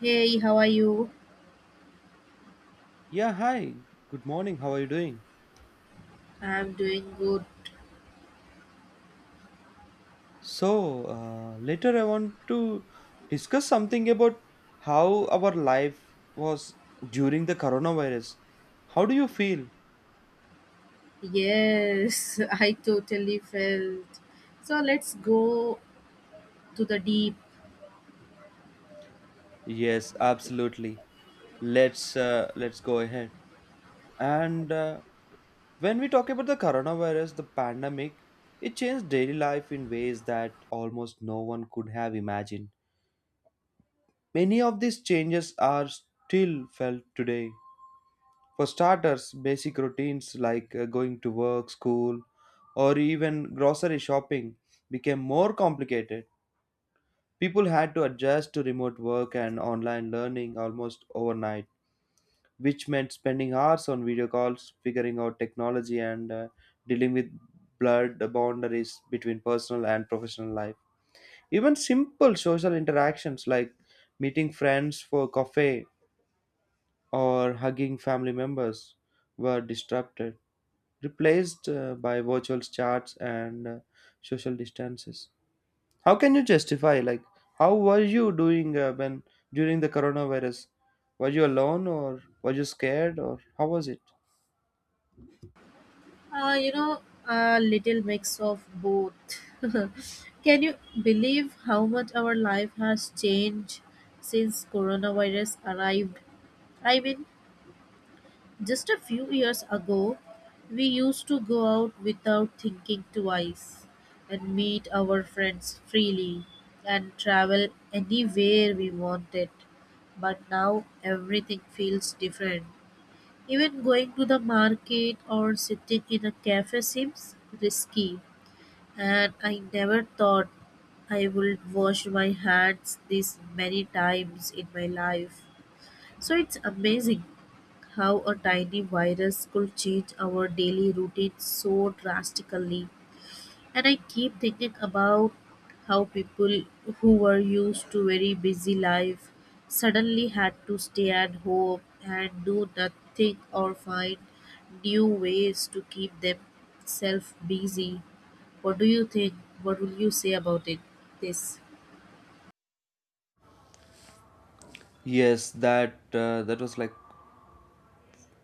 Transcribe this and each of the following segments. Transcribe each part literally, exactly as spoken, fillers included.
Hey, how are you? Yeah, hi. Good morning. How are you doing? I'm doing good. So, uh, later I want to discuss something about how our life was during the coronavirus. How do you feel? Yes, I totally felt. So let's go to the deep. Yes, absolutely. Let's uh, let's go ahead. And uh, when we talk about the coronavirus, the pandemic, it changed daily life in ways that almost no one could have imagined. Many of these changes are still felt today. For starters, basic routines like uh, going to work, school, or even grocery shopping became more complicated. People had to adjust to remote work and online learning almost overnight, which meant spending hours on video calls, figuring out technology, and uh, dealing with blurred boundaries between personal and professional life. Even simple social interactions like meeting friends for coffee or hugging family members were disrupted. Replaced uh, by virtual chats and uh, social distances. How can you justify like how were you doing uh, when during the coronavirus? Were you alone or were you scared or how was it? Uh, you know, a little mix of both. Can you believe how much our life has changed since coronavirus arrived? I mean, Just a few years ago, we used to go out without thinking twice and meet our friends freely and travel anywhere we wanted. But now everything feels different. Even going to the market or sitting in a cafe seems risky. And I never thought I would wash my hands this many times in my life. So it's amazing how a tiny virus could change our daily routine so drastically. And I keep thinking about how people who were used to very busy life suddenly had to stay at home and do nothing or find new ways to keep themselves busy. What do you think? What will you say about it? This. Yes, that uh, that was like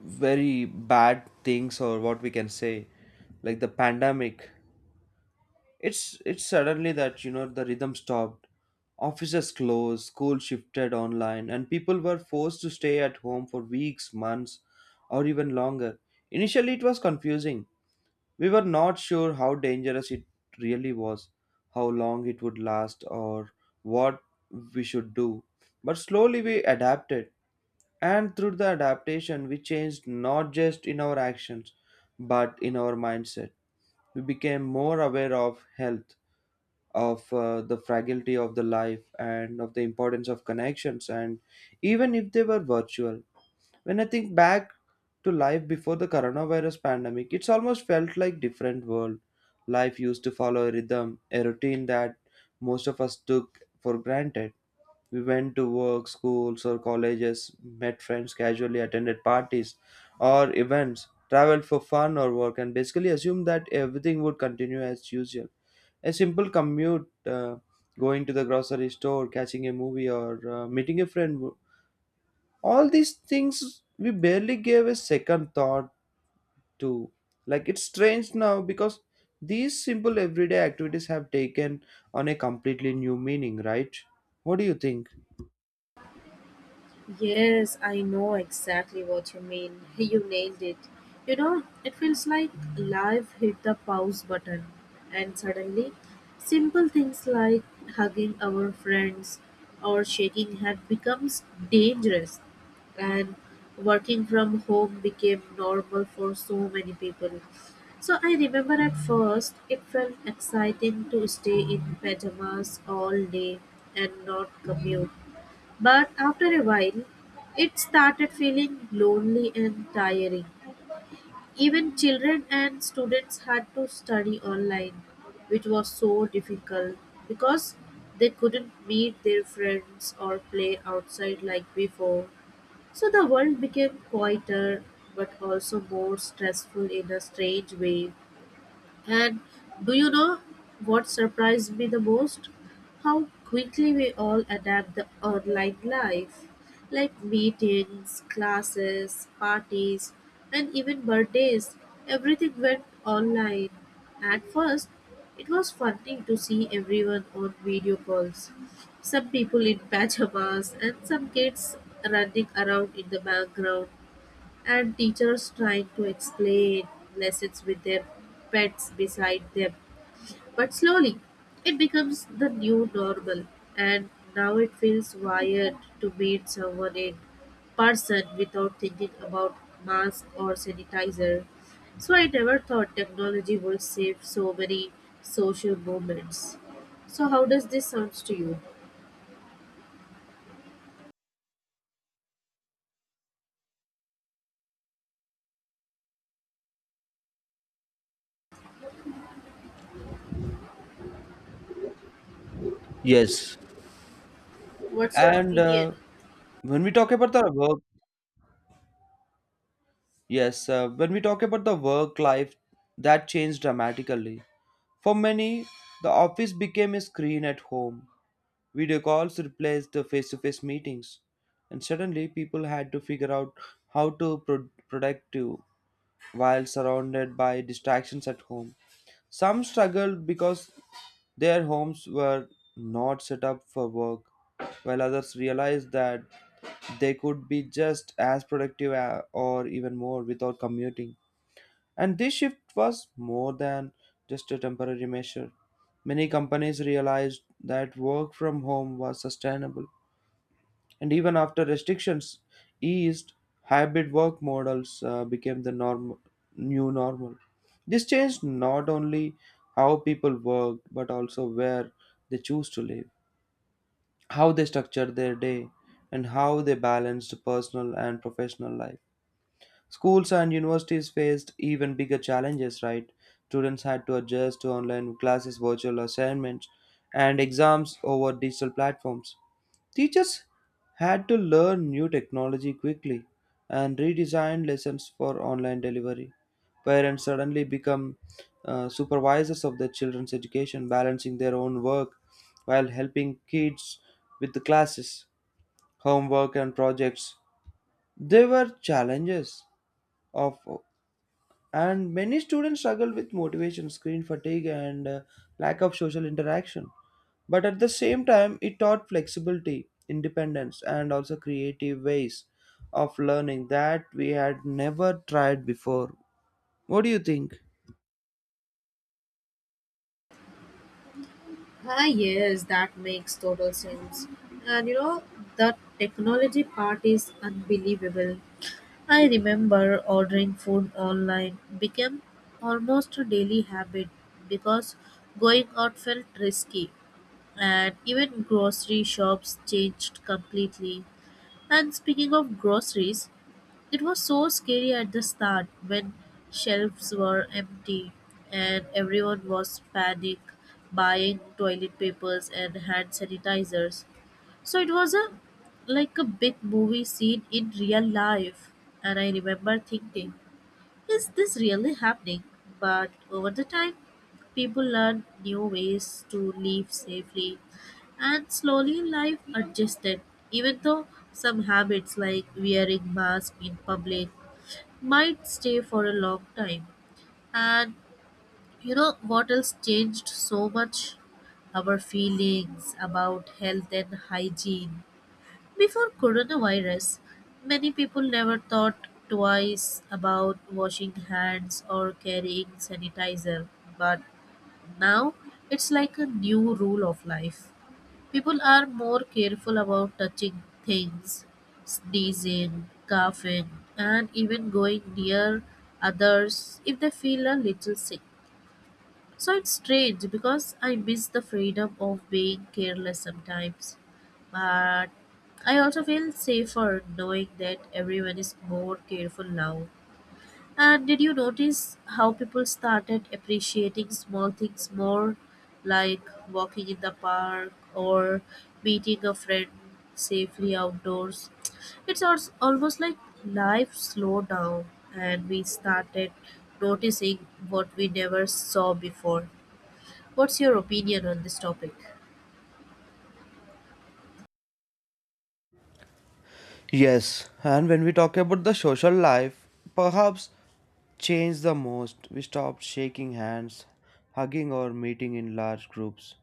very bad things or what we can say, like the pandemic. It's it's suddenly that you know the rhythm stopped. Offices closed, school shifted online, and people were forced to stay at home for weeks, months, or even longer. Initially, it was confusing. We were not sure how dangerous it really was, how long it would last, or what we should do. But slowly we adapted, and through the adaptation, we changed not just in our actions but in our mindset. We became more aware of health, of uh, the fragility of the life and of the importance of connections, and even if they were virtual. When I think back to life before the coronavirus pandemic, it's almost felt like different world. Life used to follow a rhythm, a routine that most of us took for granted. We went to work, schools or colleges, met friends casually, attended parties or events, traveled for fun or work, and basically assumed that everything would continue as usual. A simple commute, uh, going to the grocery store, catching a movie, or uh, meeting a friend, w- all these things we barely gave a second thought to. Like, it's strange now because these simple everyday activities have taken on a completely new meaning, right? What do you think? Yes, I know exactly what you mean. Hey, you nailed it. You know, it feels like life hit the pause button, and suddenly, simple things like hugging our friends or shaking hands becomes dangerous, and working from home became normal for so many people. So I remember at first it felt exciting to stay in pajamas all day and not commute. But after a while, it started feeling lonely and tiring. Even children and students had to study online, which was so difficult because they couldn't meet their friends or play outside like before. So the world became quieter but also more stressful in a strange way. And do you know what surprised me the most? How quickly we all adapt the online life, like meetings, classes, parties, and even birthdays. Everything went online. At first, it was funny to see everyone on video calls. Some people in pajamas and some kids running around in the background and teachers trying to explain lessons with their pets beside them. But slowly, it becomes the new normal, and now it feels weird to meet someone in person without thinking about mask or sanitizer. So I never thought technology would save so many social moments. So how does this sound to you? Yes. What's your And opinion? uh, when we talk about the work, yes, uh, when we talk about the work life, that changed dramatically. For many, the office became a screen at home. Video calls replaced the face to face meetings, and suddenly people had to figure out how to pro- productive while surrounded by distractions at home. Some struggled because their homes were not set up for work, while others realized that they could be just as productive a- or even more without commuting. And this shift was more than just a temporary measure. Many companies realized that work from home was sustainable, and even after restrictions eased, hybrid work models uh, became the norm, new normal. This changed not only how people worked, but also where they choose to live, how they structure their day, and how they balanced personal and professional life. Schools and universities faced even bigger challenges, right? Students had to adjust to online classes, virtual assignments, and exams over digital platforms. Teachers had to learn new technology quickly and redesign lessons for online delivery. Parents suddenly become uh, supervisors of their children's education, balancing their own work while helping kids with the classes, homework, and projects. There were challenges of, and many students struggled with motivation, screen fatigue, and uh, lack of social interaction. But at the same time, it taught flexibility, independence, and also creative ways of learning that we had never tried before. What do you think? Ah, yes, that makes total sense. And you know, the technology part is unbelievable. I remember ordering food online became almost a daily habit because going out felt risky. And even grocery shops changed completely. And speaking of groceries, it was so scary at the start when shelves were empty and everyone was panic buying toilet papers and hand sanitizers. So it was a like a big movie scene in real life and I remember thinking, is this really happening? But over the time, people learn new ways to live safely and slowly life adjusted. Even though some habits like wearing mask in public might stay for a long time. And you know what else changed so much? Our feelings about health and hygiene. Before coronavirus, many people never thought twice about washing hands or carrying sanitizer, but now it's like a new rule of life. People are more careful about touching things, sneezing, coughing, and even going near others if they feel a little sick. So it's strange because I miss the freedom of being careless sometimes. But I also feel safer knowing that everyone is more careful now. And did you notice how people started appreciating small things more, like walking in the park or meeting a friend safely outdoors? It's als- almost like life slowed down and we started noticing what we never saw before. What's your opinion on this topic? Yes, and when we talk about the social life, perhaps changed the most. We stopped shaking hands, hugging, or meeting in large groups.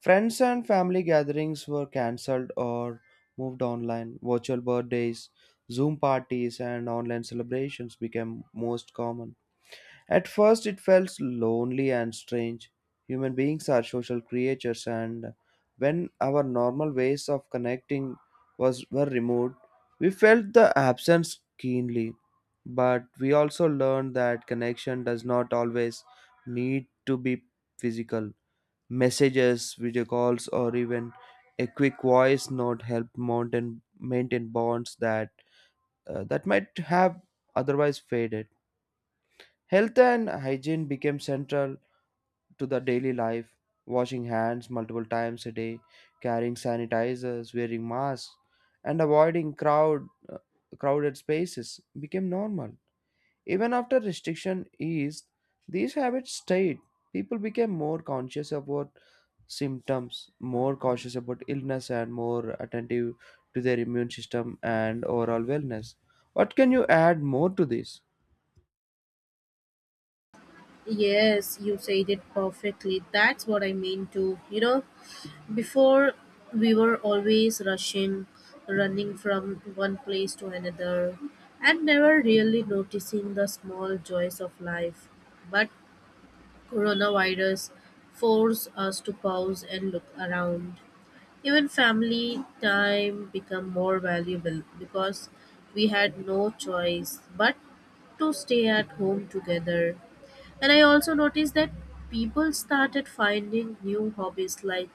Friends and family gatherings were cancelled or moved online. Virtual birthdays, Zoom parties, and online celebrations became most common. At first, it felt lonely and strange. Human beings are social creatures, and when our normal ways of connecting was were removed, we felt the absence keenly. But we also learned that connection does not always need to be physical. Messages, video calls, or even a quick voice note help maintain maintain bonds that uh, that might have otherwise faded. Health and hygiene became central to the daily life, washing hands multiple times a day, carrying sanitizers, wearing masks, and avoiding crowd crowded spaces became normal. Even after restriction eased, these habits stayed. People became more conscious about symptoms, more cautious about illness, and more attentive to their immune system and overall wellness. What can you add more to this? Yes, you said it perfectly. That's what I mean too. You know, before we were always rushing, running from one place to another, and never really noticing the small joys of life. But coronavirus forced us to pause and look around. Even family time became more valuable because we had no choice but to stay at home together. And I also noticed that people started finding new hobbies like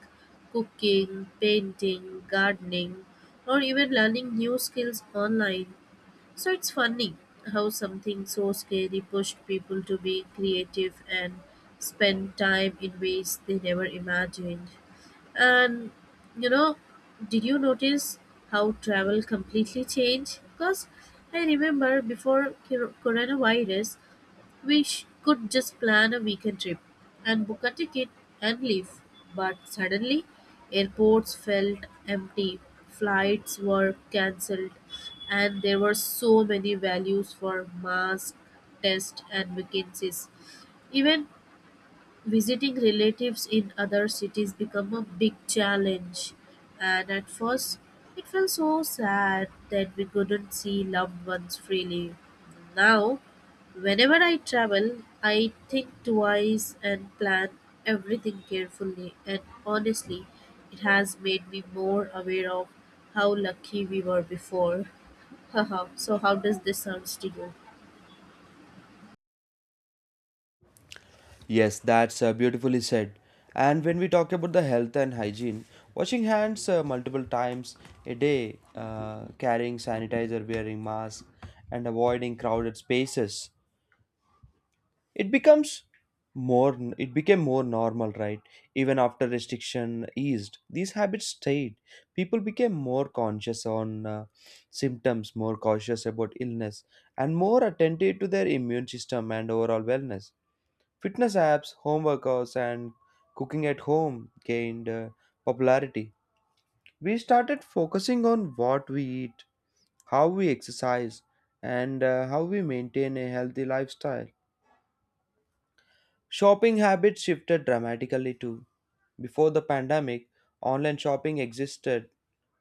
cooking, painting, gardening, or even learning new skills online. So it's funny how something so scary pushed people to be creative and spend time in ways they never imagined. And you know, did you notice how travel completely changed? Because I remember before cor- coronavirus, we sh- could just plan a weekend trip and book a ticket and leave. But suddenly, airports felt empty, flights were cancelled, and there were so many values for mask, test, and vacancies. Even visiting relatives in other cities become a big challenge, and at first it felt so sad that we couldn't see loved ones freely. Now, whenever I travel, I think twice and plan everything carefully, and honestly, it has made me more aware of how lucky we were before. Haha, so how does this sounds to you? Yes, that's uh, beautifully said. And when we talk about the health and hygiene, washing hands uh, multiple times a day, uh, carrying sanitizer, wearing mask, and avoiding crowded spaces, it becomes more. It became more normal, right? Even after restriction eased, these habits stayed. People became more conscious on uh, symptoms, more cautious about illness, and more attentive to their immune system and overall wellness. Fitness apps, home workouts, and cooking at home gained uh, popularity. We started focusing on what we eat, how we exercise, and uh, how we maintain a healthy lifestyle. Shopping habits shifted dramatically too. Before the pandemic, online shopping existed,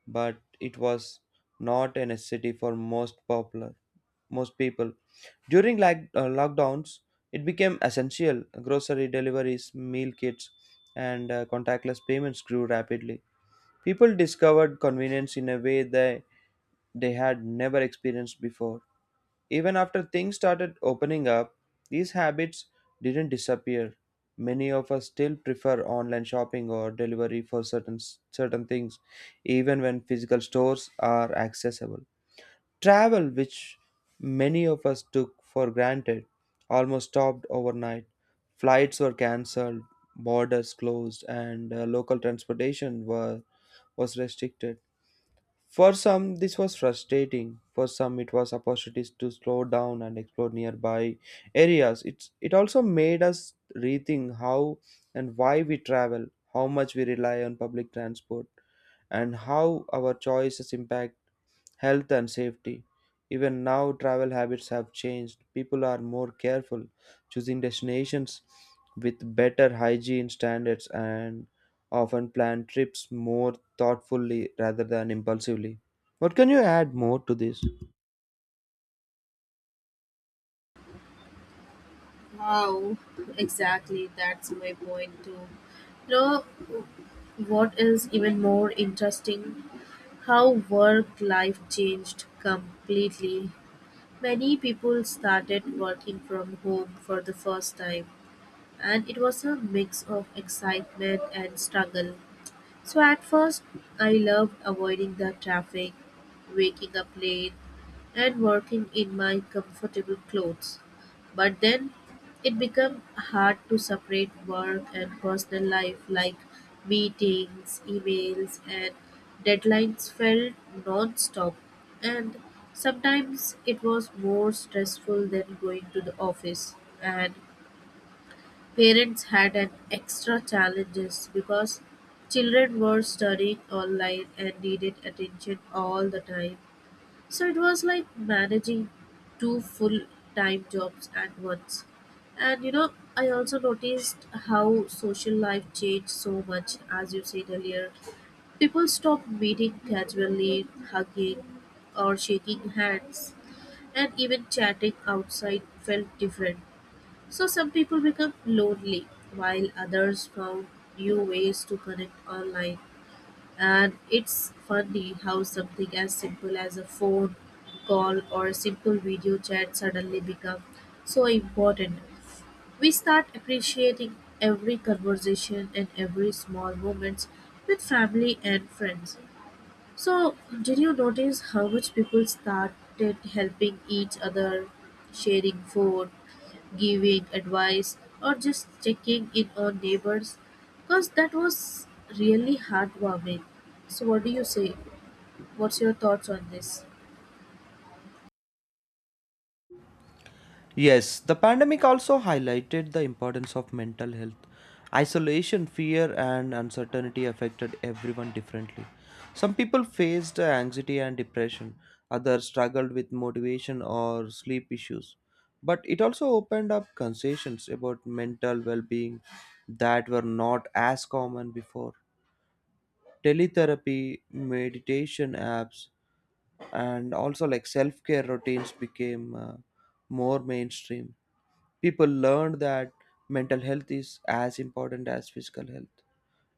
but it was not a necessity for most popular most people. During like, uh, lockdowns, it became essential. Grocery deliveries, meal kits, and uh, contactless payments grew rapidly. People discovered convenience in a way that they had never experienced before. Even after things started opening up, these habits didn't disappear. Many of us still prefer online shopping or delivery for certain certain things, even when physical stores are accessible. Travel, which many of us took for granted, almost stopped overnight. Flights were cancelled, borders closed, and uh, local transportation were, was restricted. For some, this was frustrating. For some, it was opportunities to slow down and explore nearby areas. It's, it also made us rethink how and why we travel, how much we rely on public transport, and how our choices impact health and safety. Even now, travel habits have changed. People are more careful, choosing destinations with better hygiene standards, and often plan trips more thoughtfully rather than impulsively. What can you add more to this? Wow, exactly. That's my point too. You know. What is even more interesting, how work life changed completely. Many people started working from home for the first time, and it was a mix of excitement and struggle. So at first, I loved avoiding the traffic, waking up late, and working in my comfortable clothes. But then it became hard to separate work and personal life, like meetings, emails, and deadlines felt non stop. And sometimes it was more stressful than going to the office. And parents had an extra challenges because children were studying online and needed attention all the time. So it was like managing two full time jobs at once. And you know, I also noticed how social life changed so much, as you said earlier. People stopped meeting casually, hugging, or shaking hands, and even chatting outside felt different. So some people become lonely while others found new ways to connect online. And it's funny how something as simple as a phone call or a simple video chat suddenly become so important. We start appreciating every conversation and every small moments with family and friends. So, did you notice how much people started helping each other, sharing food, giving advice, or just checking in on neighbors? Because that was really heartwarming. So, what do you say? What's your thoughts on this? Yes, the pandemic also highlighted the importance of mental health. Isolation, fear, and uncertainty affected everyone differently. Some people faced anxiety and depression, others struggled with motivation or sleep issues. But it also opened up conversations about mental well being that were not as common before. Teletherapy, meditation apps, and also like self care routines became uh, more mainstream. People learned that mental health is as important as physical health,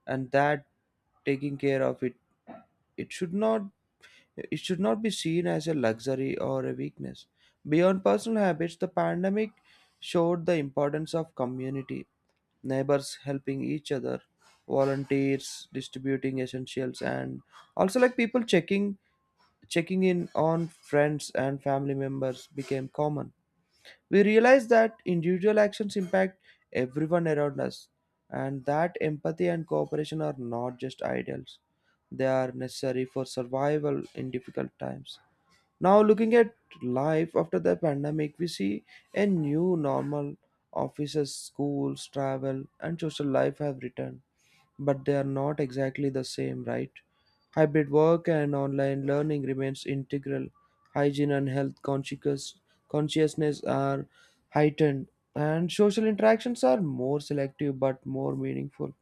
and that taking care of it, it should not it should not be seen as a luxury or a weakness. Beyond personal habits, the pandemic showed the importance of community. Neighbors helping each other, volunteers distributing essentials, and also like people checking checking in on friends and family members became common. We realize that individual actions impact everyone around us, and that empathy and cooperation are not just ideals, they are necessary for survival in difficult times. Now, looking at life after the pandemic, we see a new normal. Offices, schools, travel, and social life have returned, but they are not exactly the same, right? Hybrid work and online learning remains integral. Hygiene and health conscious, consciousness are heightened, and social interactions are more selective but more meaningful.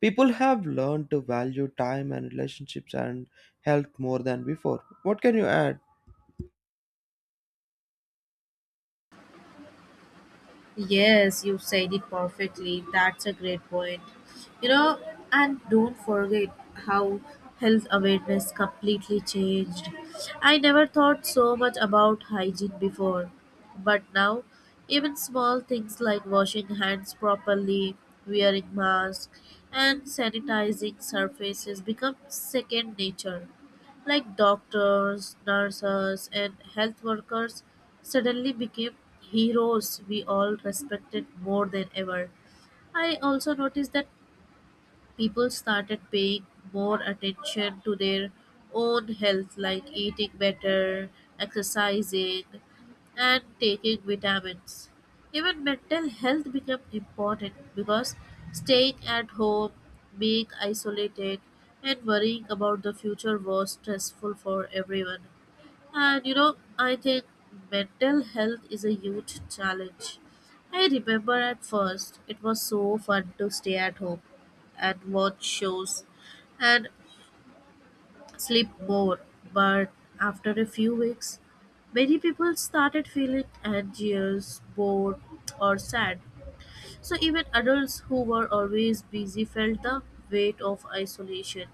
People have learned to value time and relationships and health more than before. What can you add? Yes, you said it perfectly. That's a great point. You know, and don't forget how health awareness completely changed. I never thought so much about hygiene before, but now even small things like washing hands properly, wearing masks, and sanitizing surfaces become second nature like doctors, nurses, and health workers, suddenly became heroes we all respected more than ever. I also noticed that people started paying more attention to their own health, like eating better, exercising, and taking vitamins. Even mental health became important because staying at home, being isolated, and worrying about the future was stressful for everyone. And you know, I think mental health is a huge challenge. I remember at first it was so fun to stay at home, and watch shows, and sleep more. But after a few weeks, many people started feeling anxious, bored, or sad. So even adults who were always busy felt the weight of isolation.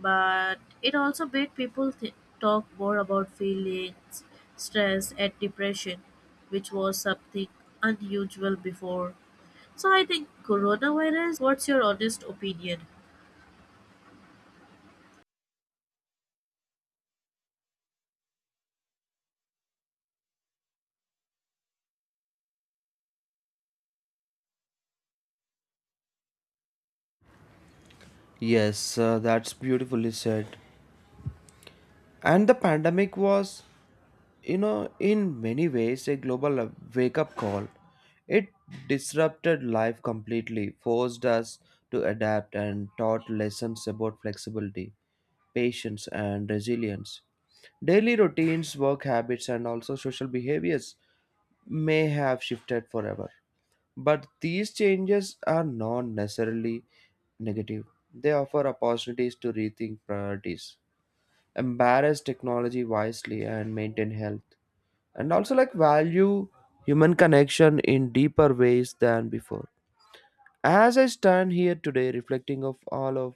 But it also made people th- talk more about feelings, stress, and depression, which was something unusual before. So I think coronavirus. What's your honest opinion? Yes, uh, that's beautifully said. And the pandemic was, you know, in many ways a global wake up call. It disrupted life completely, forced us to adapt, and taught lessons about flexibility, patience, and resilience. Daily routines, work habits, and also social behaviors may have shifted forever, but these changes are not necessarily negative. They offer opportunities to rethink priorities, embrace technology wisely, and maintain health, and also like value human connection in deeper ways than before. As I stand here today reflecting of all of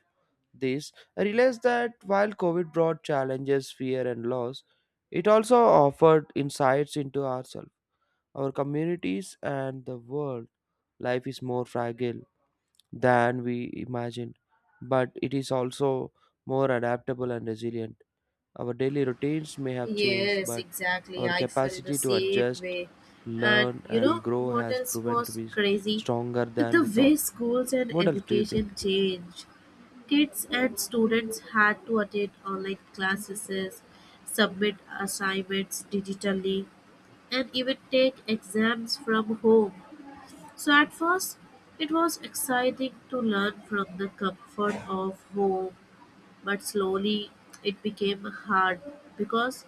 this, I realize that while COVID brought challenges, fear, and loss, it also offered insights into ourselves, our communities, and the world. Life is more fragile than we imagined, but it is also more adaptable and resilient. Our daily routines may have changed, Yes, but exactly. our I felt the capacity to same adjust, way. And learn, you know and grow what has else proven to was be s- crazy? stronger than The we thought. way schools and What else do you think? education changed. Kids and students had to attend online classes, submit assignments digitally, and even take exams from home. So, at first, it was exciting to learn from the comfort of home but slowly it became hard because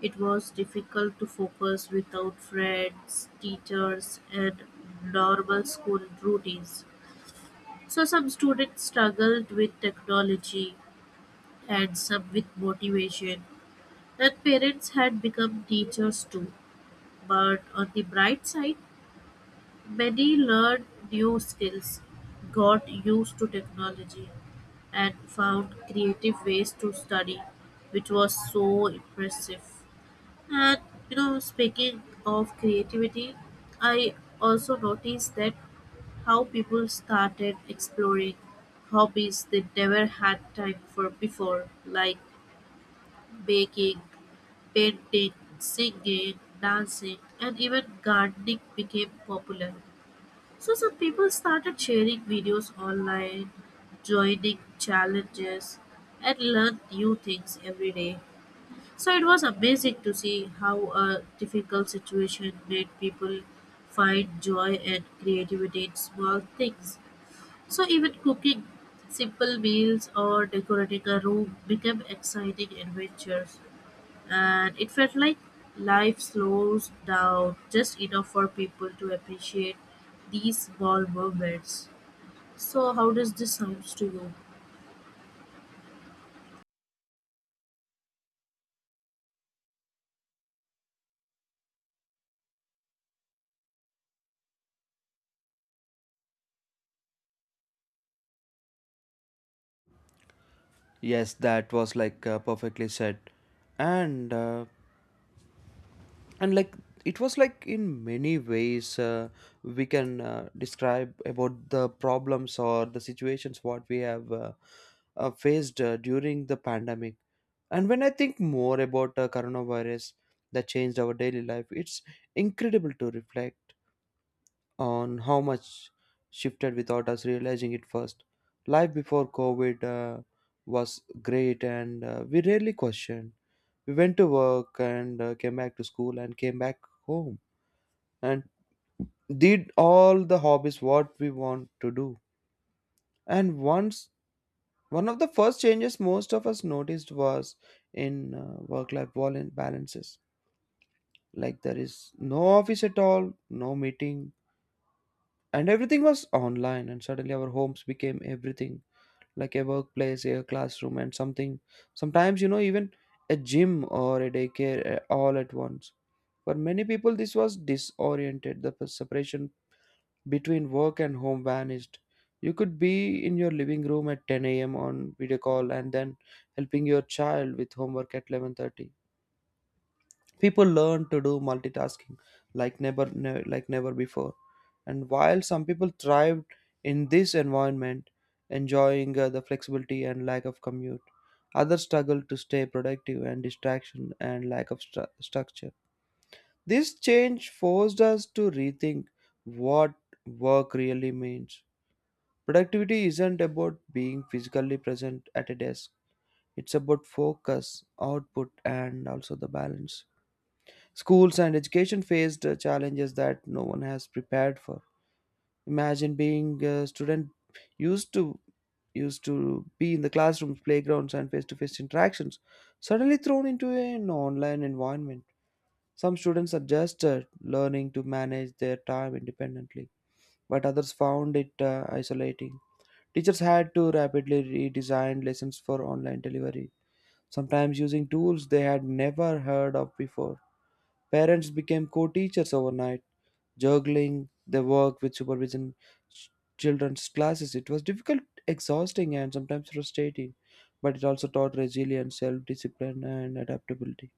it was difficult to focus without friends, teachers, and normal school routines. So some students struggled with technology and some with motivation. And parents had become teachers too. But on the bright side, many learned new skills, got used to technology, and found creative ways to study, which was so impressive. And you know, speaking of creativity, I also noticed that how people started exploring hobbies they never had time for before, like baking, painting, singing, dancing, and even gardening became popular. So some people started sharing videos online, joining challenges, and learn new things every day. So it was amazing to see how a difficult situation made people find joy and creativity in small things. So even cooking simple meals or decorating a room became exciting adventures. And it felt like life slows down just enough for people to appreciate these small moments. So, how does this sounds to you? Yes, that was like uh, perfectly said, and uh, and like it was like in many ways uh, we can uh, describe about the problems or the situations what we have uh, uh, faced uh, during the pandemic. And when I think more about uh, coronavirus that changed our daily life, it's incredible to reflect on how much shifted without us realizing it first. Life before COVID uh, was great, and uh, we rarely questioned. We went to work and uh, came back to school and came back home and did all the hobbies what we want to do. And once one of the first changes most of us noticed was in uh, work-life bal- balances. Like there is no office at all, no meeting, and everything was online, and suddenly our homes became everything, like a workplace, a classroom, and something sometimes, you know, even a gym or a daycare, uh, all at once. For many people this was disoriented. The p- separation between work and home vanished. You could be in your living room at ten a.m on video call and then helping your child with homework at eleven thirty. People learn to do multitasking like never ne- like never before. And while some people thrived in this environment, enjoying uh, the flexibility and lack of commute, others struggled to stay productive and distraction and lack of stru- structure. This change forced us to rethink what work really means. Productivity isn't about being physically present at a desk, it's about focus, output, and also the balance. Schools and education faced uh, challenges that no one has prepared for. Imagine being a student used to used to be in the classrooms, playgrounds, and face-to-face interactions, suddenly thrown into an online environment. Some students adjusted, learning to manage their time independently, but others found it uh, isolating. Teachers had to rapidly redesign lessons for online delivery, sometimes using tools they had never heard of before. Parents became co teachers overnight, juggling the work with supervision, ch- children's classes. It was difficult, exhausting, and sometimes frustrating, but it also taught resilience, self discipline, and adaptability.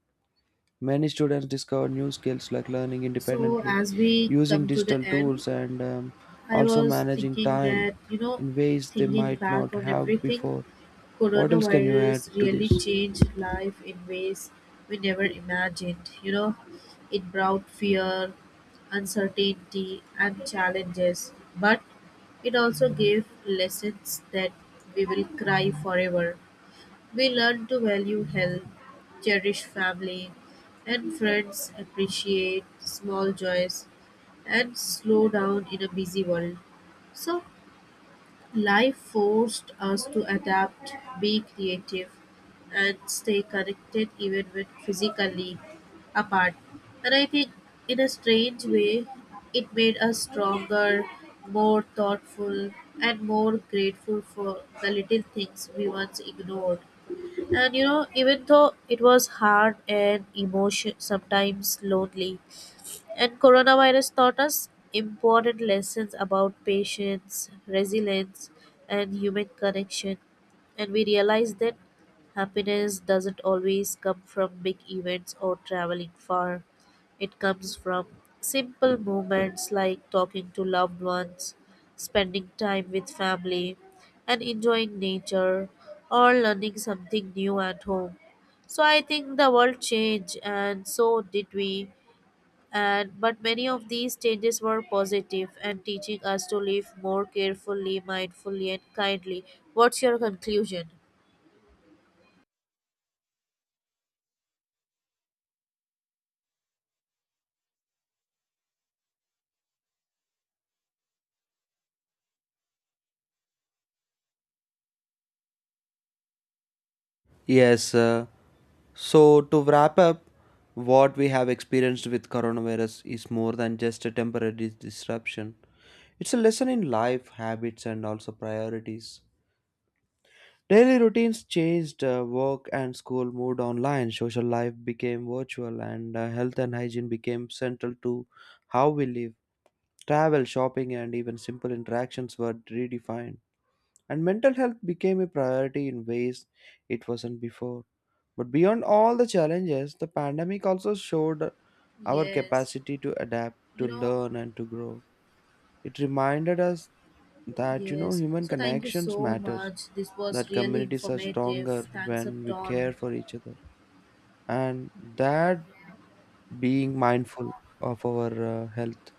Many students discovered new skills like learning So, independently, as we using come to the digital end, tools, and um, I also was managing thinking time that, you know, in ways they thinking might back not on have everything before. What else can you add coronavirus to this? really changed life in ways we never imagined. You know, it brought fear, uncertainty, and challenges, but it also gave lessons that we will cry forever. We learned to value health, cherish family and friends, appreciate small joys, and slow down in a busy world. So, life forced us to adapt, be creative, and stay connected even when physically apart. And I think, in a strange way, it made us stronger, more thoughtful, and more grateful for the little things we once ignored. And you know, even though it was hard and emotion sometimes lonely, and coronavirus taught us important lessons about patience, resilience, and human connection. And we realized that happiness doesn't always come from big events or traveling far. It comes from simple moments like talking to loved ones, spending time with family, and enjoying nature or learning something new at home. So I think the world changed, and so did we and but many of these changes were positive and teaching us to live more carefully mindfully and kindly. What's your conclusion? Yes, uh, so, to wrap up, what we have experienced with coronavirus is more than just a temporary dis- disruption. It's a lesson in life, habits, and also priorities. Daily routines changed, uh, work and school moved online, social life became virtual, and uh, health and hygiene became central to how we live. Travel, shopping, and even simple interactions were redefined, and mental health became a priority in ways it wasn't before. But beyond all the challenges, the pandemic also showed our Yes, capacity to adapt, you to know, learn, and to grow. It reminded us that, you know, yes. human So thank you connections so matters, much. This was that really communities are informative. stronger Thanks a when we care ton. for each other, and that being mindful of our uh, health.